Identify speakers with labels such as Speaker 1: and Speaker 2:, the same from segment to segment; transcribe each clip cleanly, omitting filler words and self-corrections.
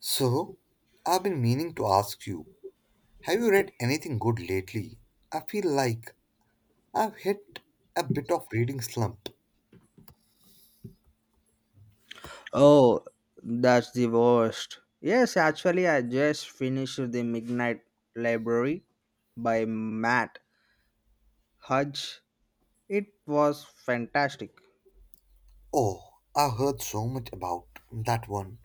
Speaker 1: So, I've been meaning to ask you, have you read anything good lately? I feel like I've hit a bit of reading slump.
Speaker 2: Oh, that's the worst. Yes, actually, I just finished The Midnight Library by Matt Hudge. It was fantastic.
Speaker 1: Oh, I heard so much about that one.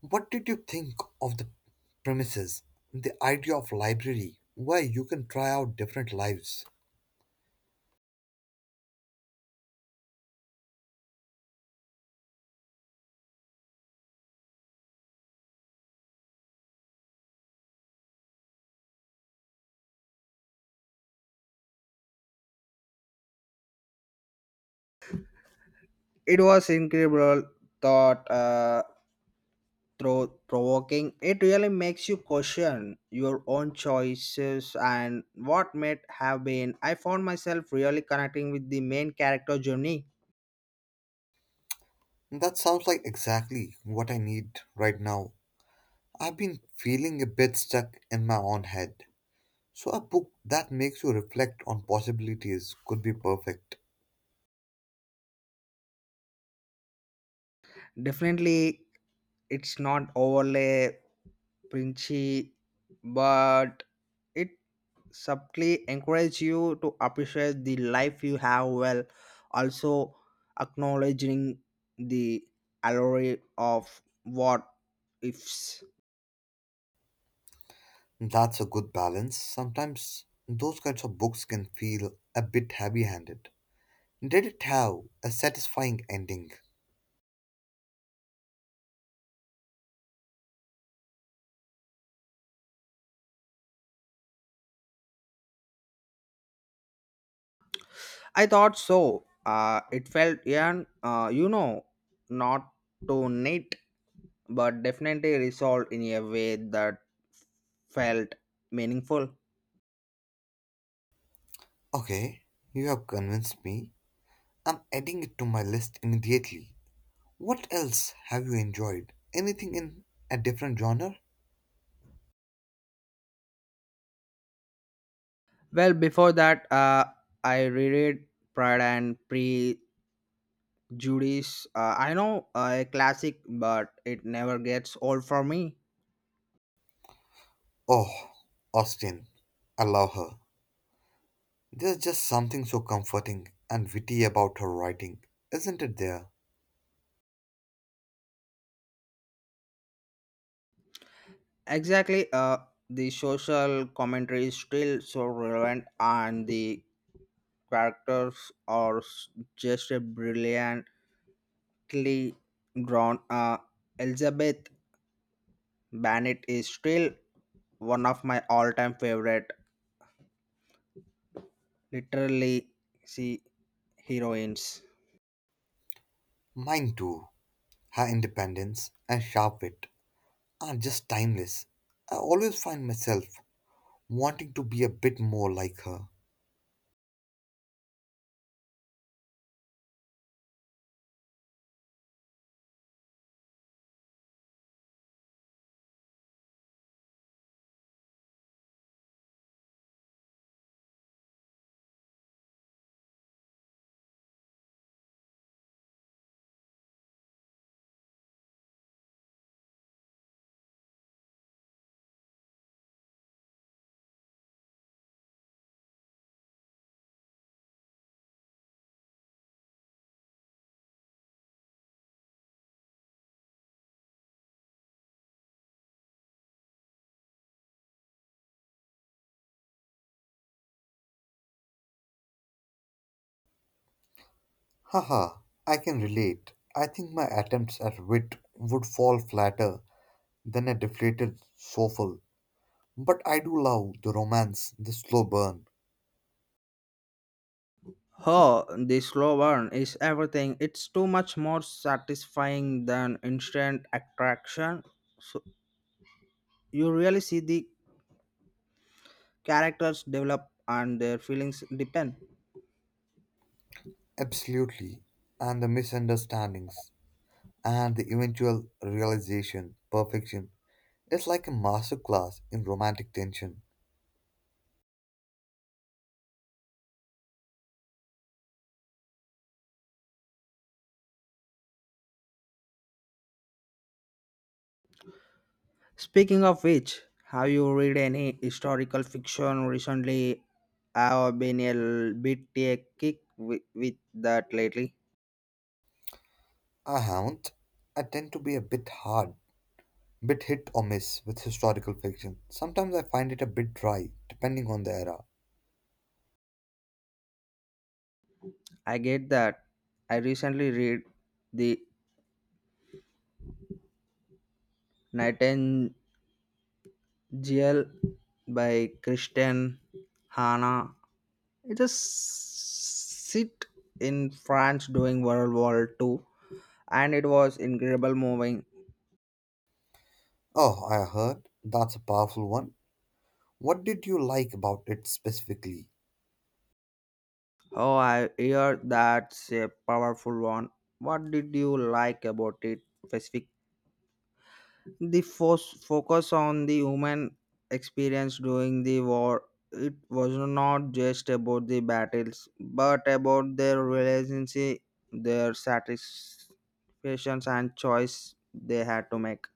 Speaker 1: What did you think of the premises? The idea of library where you can try out different lives.
Speaker 2: It was incredible, thought through provoking. It really makes you question your own choices and what might have been. I found myself really connecting with the main character journey.
Speaker 1: That sounds like exactly what I need right now. I've been feeling a bit stuck in my own head. So a book that makes you reflect on possibilities could be perfect.
Speaker 2: Definitely, it's not overly preachy, but it subtly encourage you to appreciate the life you have while also acknowledging the allure of what ifs.
Speaker 1: That's a good balance. Sometimes those kinds of books can feel a bit heavy handed. Did it have a satisfying ending?
Speaker 2: I thought so. It felt, yeah, not too neat, but definitely resolved in a way that felt meaningful.
Speaker 1: Okay, you have convinced me. I'm adding it to my list immediately. What else have you enjoyed? Anything in a different genre?
Speaker 2: Well, before that, I reread Pride and Pre Judy's, I know a classic, but it never gets old for me.
Speaker 1: Oh, Austen. I love her. There's just something so comforting and witty about her writing, isn't it there?
Speaker 2: Exactly, the social commentary is still so relevant, and the characters are s- just a brilliantly drawn. Elizabeth Bennet is still one of my all-time favorite, literally, see heroines.
Speaker 1: Mine too. Her independence and sharp wit are just timeless. I always find myself wanting to be a bit more like her. Haha, I can relate. I think my attempts at wit would fall flatter than a deflated soffle. But I do love the romance, the slow burn,
Speaker 2: Oh, the slow burn is everything. It's too much more satisfying than instant attraction. So you really see the characters develop and their feelings depend.
Speaker 1: absolutely, and the misunderstandings, and the eventual realization, perfection. It's like a masterclass in romantic tension.
Speaker 2: Speaking of which, have you read any historical fiction recently? I've been a bit a kick with that lately.
Speaker 1: I haven't. I tend to be a bit hit or miss with historical fiction. Sometimes I find it a bit dry, depending on the era.
Speaker 2: I get that. I recently read The Nightingale by Christian Hanna. It is sit in France during World War Two, and it was incredible moving.
Speaker 1: Oh, I heard. That's a powerful one. What did you like about it specifically?
Speaker 2: Oh, I hear that's a powerful one. What did you like about it specific? The focus on the human experience during the war. It was not just about the battles, but about their relationship, their satisfactions, and choice they had to make.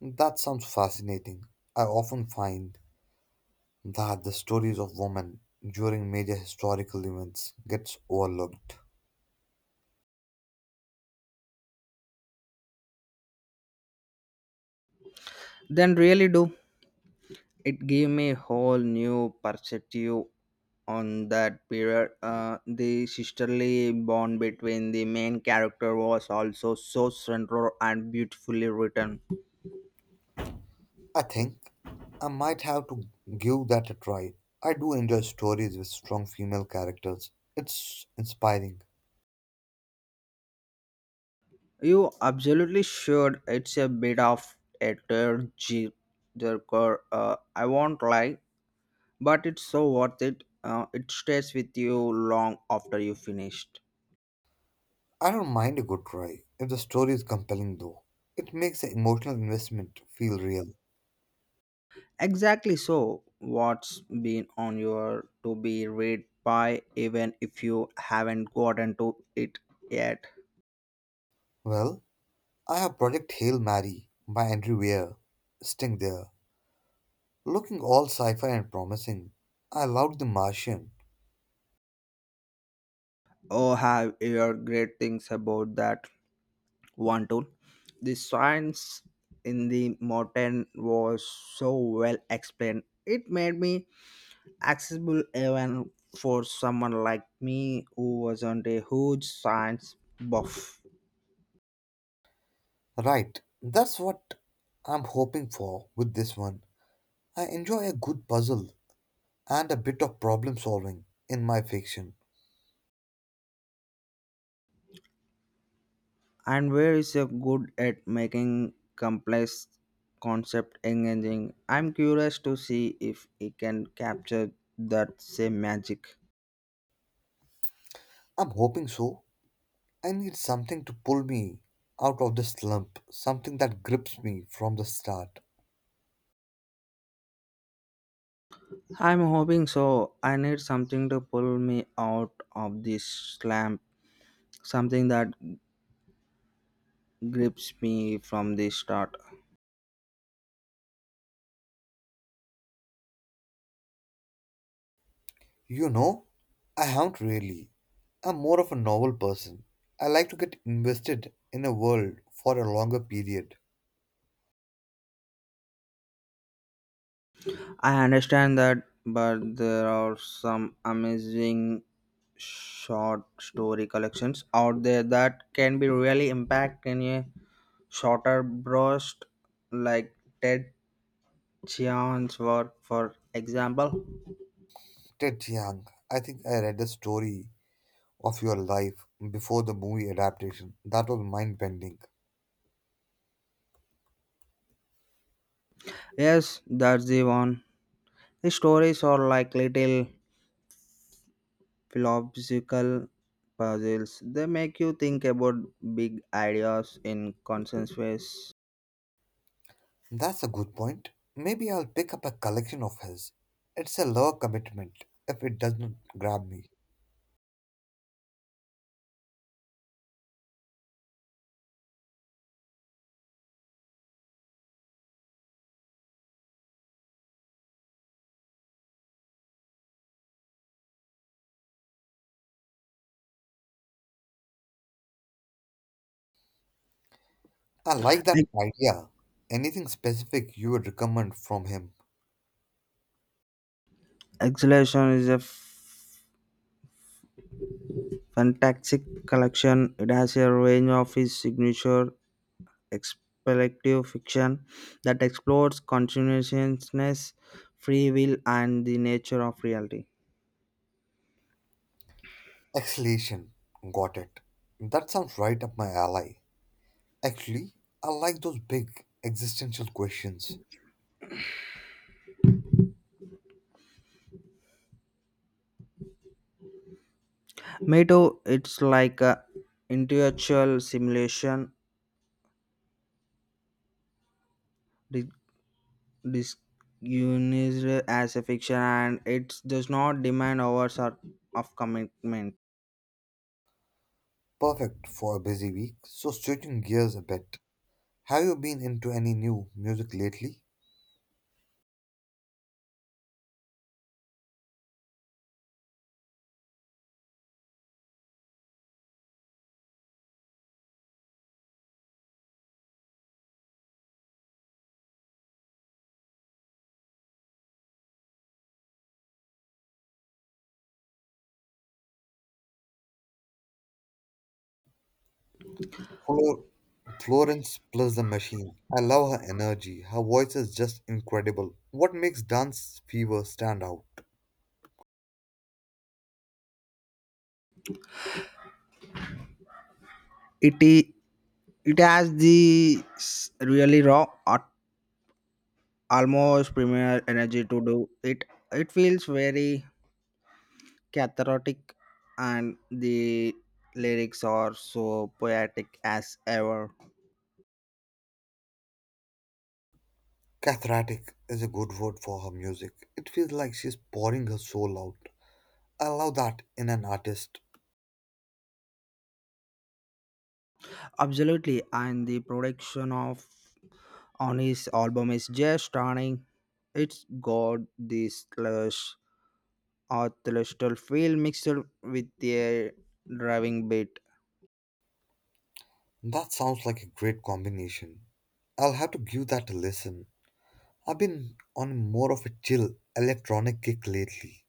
Speaker 1: That sounds fascinating. I often find that the stories of women during major historical events gets overlooked.
Speaker 2: Then really do. It gave me a whole new perspective on that period. The sisterly bond between the main character was also so central and beautifully written.
Speaker 1: I think I might have to give that a try. I do enjoy stories with strong female characters. It's inspiring.
Speaker 2: You absolutely should. It's a bit of a tearjerker. I won't lie, but it's so worth it. It stays with you long after you finish.
Speaker 1: I don't mind a good cry if the story is compelling, though. It makes the emotional investment feel real.
Speaker 2: Exactly so. What's been on your to be read by even if you haven't gotten to it yet?
Speaker 1: Well, I have Project Hail Mary by Andrew Weir sitting there, looking all sci fi and promising. I loved The Martian.
Speaker 2: Oh, have your great things about that one too. The science in the modern was so well explained. It made me accessible even for someone like me who wasn't a huge science buff.
Speaker 1: Right, that's what I'm hoping for with this one. I enjoy a good puzzle and a bit of problem solving in my fiction.
Speaker 2: And where is a good at making complex concept engaging. I'm curious to see if it can capture that same magic.
Speaker 1: I'm hoping so. I need something to pull me out of the slump, something that grips me from the start.
Speaker 2: I'm hoping so. I need something to pull me out of this slump, something that grips me from the start.
Speaker 1: You know, I haven't really. I'm more of a novel person. I like to get invested in a world for a longer period.
Speaker 2: I understand that, but there are some amazing short story collections out there that can be really impacting you. Shorter bursts like Ted Chiang's work, for example.
Speaker 1: Ted Chiang, I think I read the story of your life before the movie adaptation. That was mind bending.
Speaker 2: Yes, that's the one. His stories are like little philosophical puzzles. They make you think about big ideas in conscious ways.
Speaker 1: That's a good point. Maybe I'll pick up a collection of his. It's a lower commitment if it does not grab me. I like that
Speaker 2: Ex-
Speaker 1: idea. Anything specific you would recommend from him?
Speaker 2: Exhalation is a fantastic collection. It has a range of his signature expectative fiction that explores consciousness, free will, and the nature of reality.
Speaker 1: Exhalation. Got it. That sounds right up my alley. Actually, I like those big existential questions.
Speaker 2: Meadow, it's like a intellectual simulation di- disguised as a fiction, and it does not demand of commitment.
Speaker 1: Perfect for a busy week. So, switching gears a bit, have you been into any new music lately? Flor- Florence plus the machine. I love her energy. Her voice is just incredible. What makes Dance Fever stand out?
Speaker 2: It i- it has the really raw, at- almost premier energy to do it. It feels very cathartic, and the lyrics are so poetic as ever.
Speaker 1: Cathartic is a good word for her music. It feels like she's pouring her soul out. I love that in an artist.
Speaker 2: Absolutely, and the production of on his album is just stunning. It's got this lush orchestral feel mixed with a driving beat.
Speaker 1: That sounds like a great combination. I'll have to give that a listen. I've been on more of a chill electronic kick lately.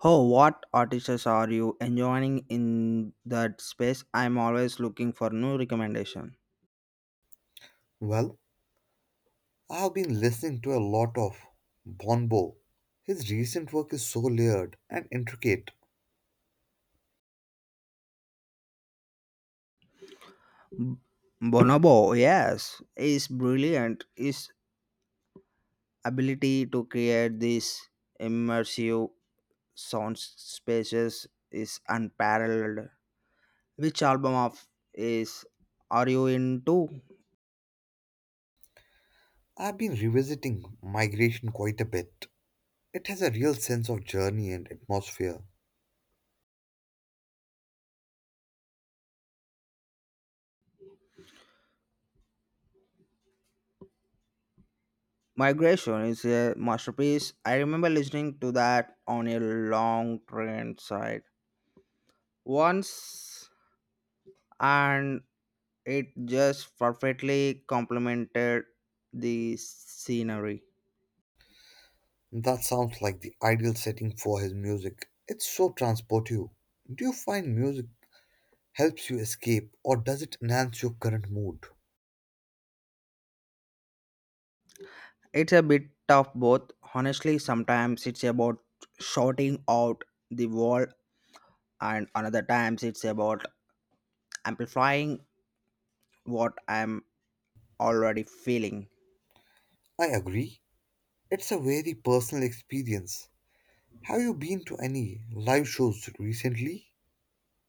Speaker 2: Oh, what artists are you enjoying in that space? I'm always looking for new recommendation.
Speaker 1: Well, I've been listening to a lot of Bonbo. His recent work is so layered and intricate.
Speaker 2: B- Bonobo, yes, is brilliant. His ability to create these immersive sound spaces is unparalleled. Which album of is are you into?
Speaker 1: I've been revisiting Migration quite a bit. It has a real sense of journey and atmosphere.
Speaker 2: Migration is a masterpiece. I remember listening to that on a long train ride once, and it just perfectly complemented the scenery.
Speaker 1: That sounds like the ideal setting for his music. It's so transportive. Do you find music helps you escape or does it enhance your current mood?
Speaker 2: It's a bit of both. Honestly, sometimes it's about shouting out the world, and another times it's about amplifying what I'm already feeling.
Speaker 1: I agree. It's a very personal experience. Have you been to any live shows recently?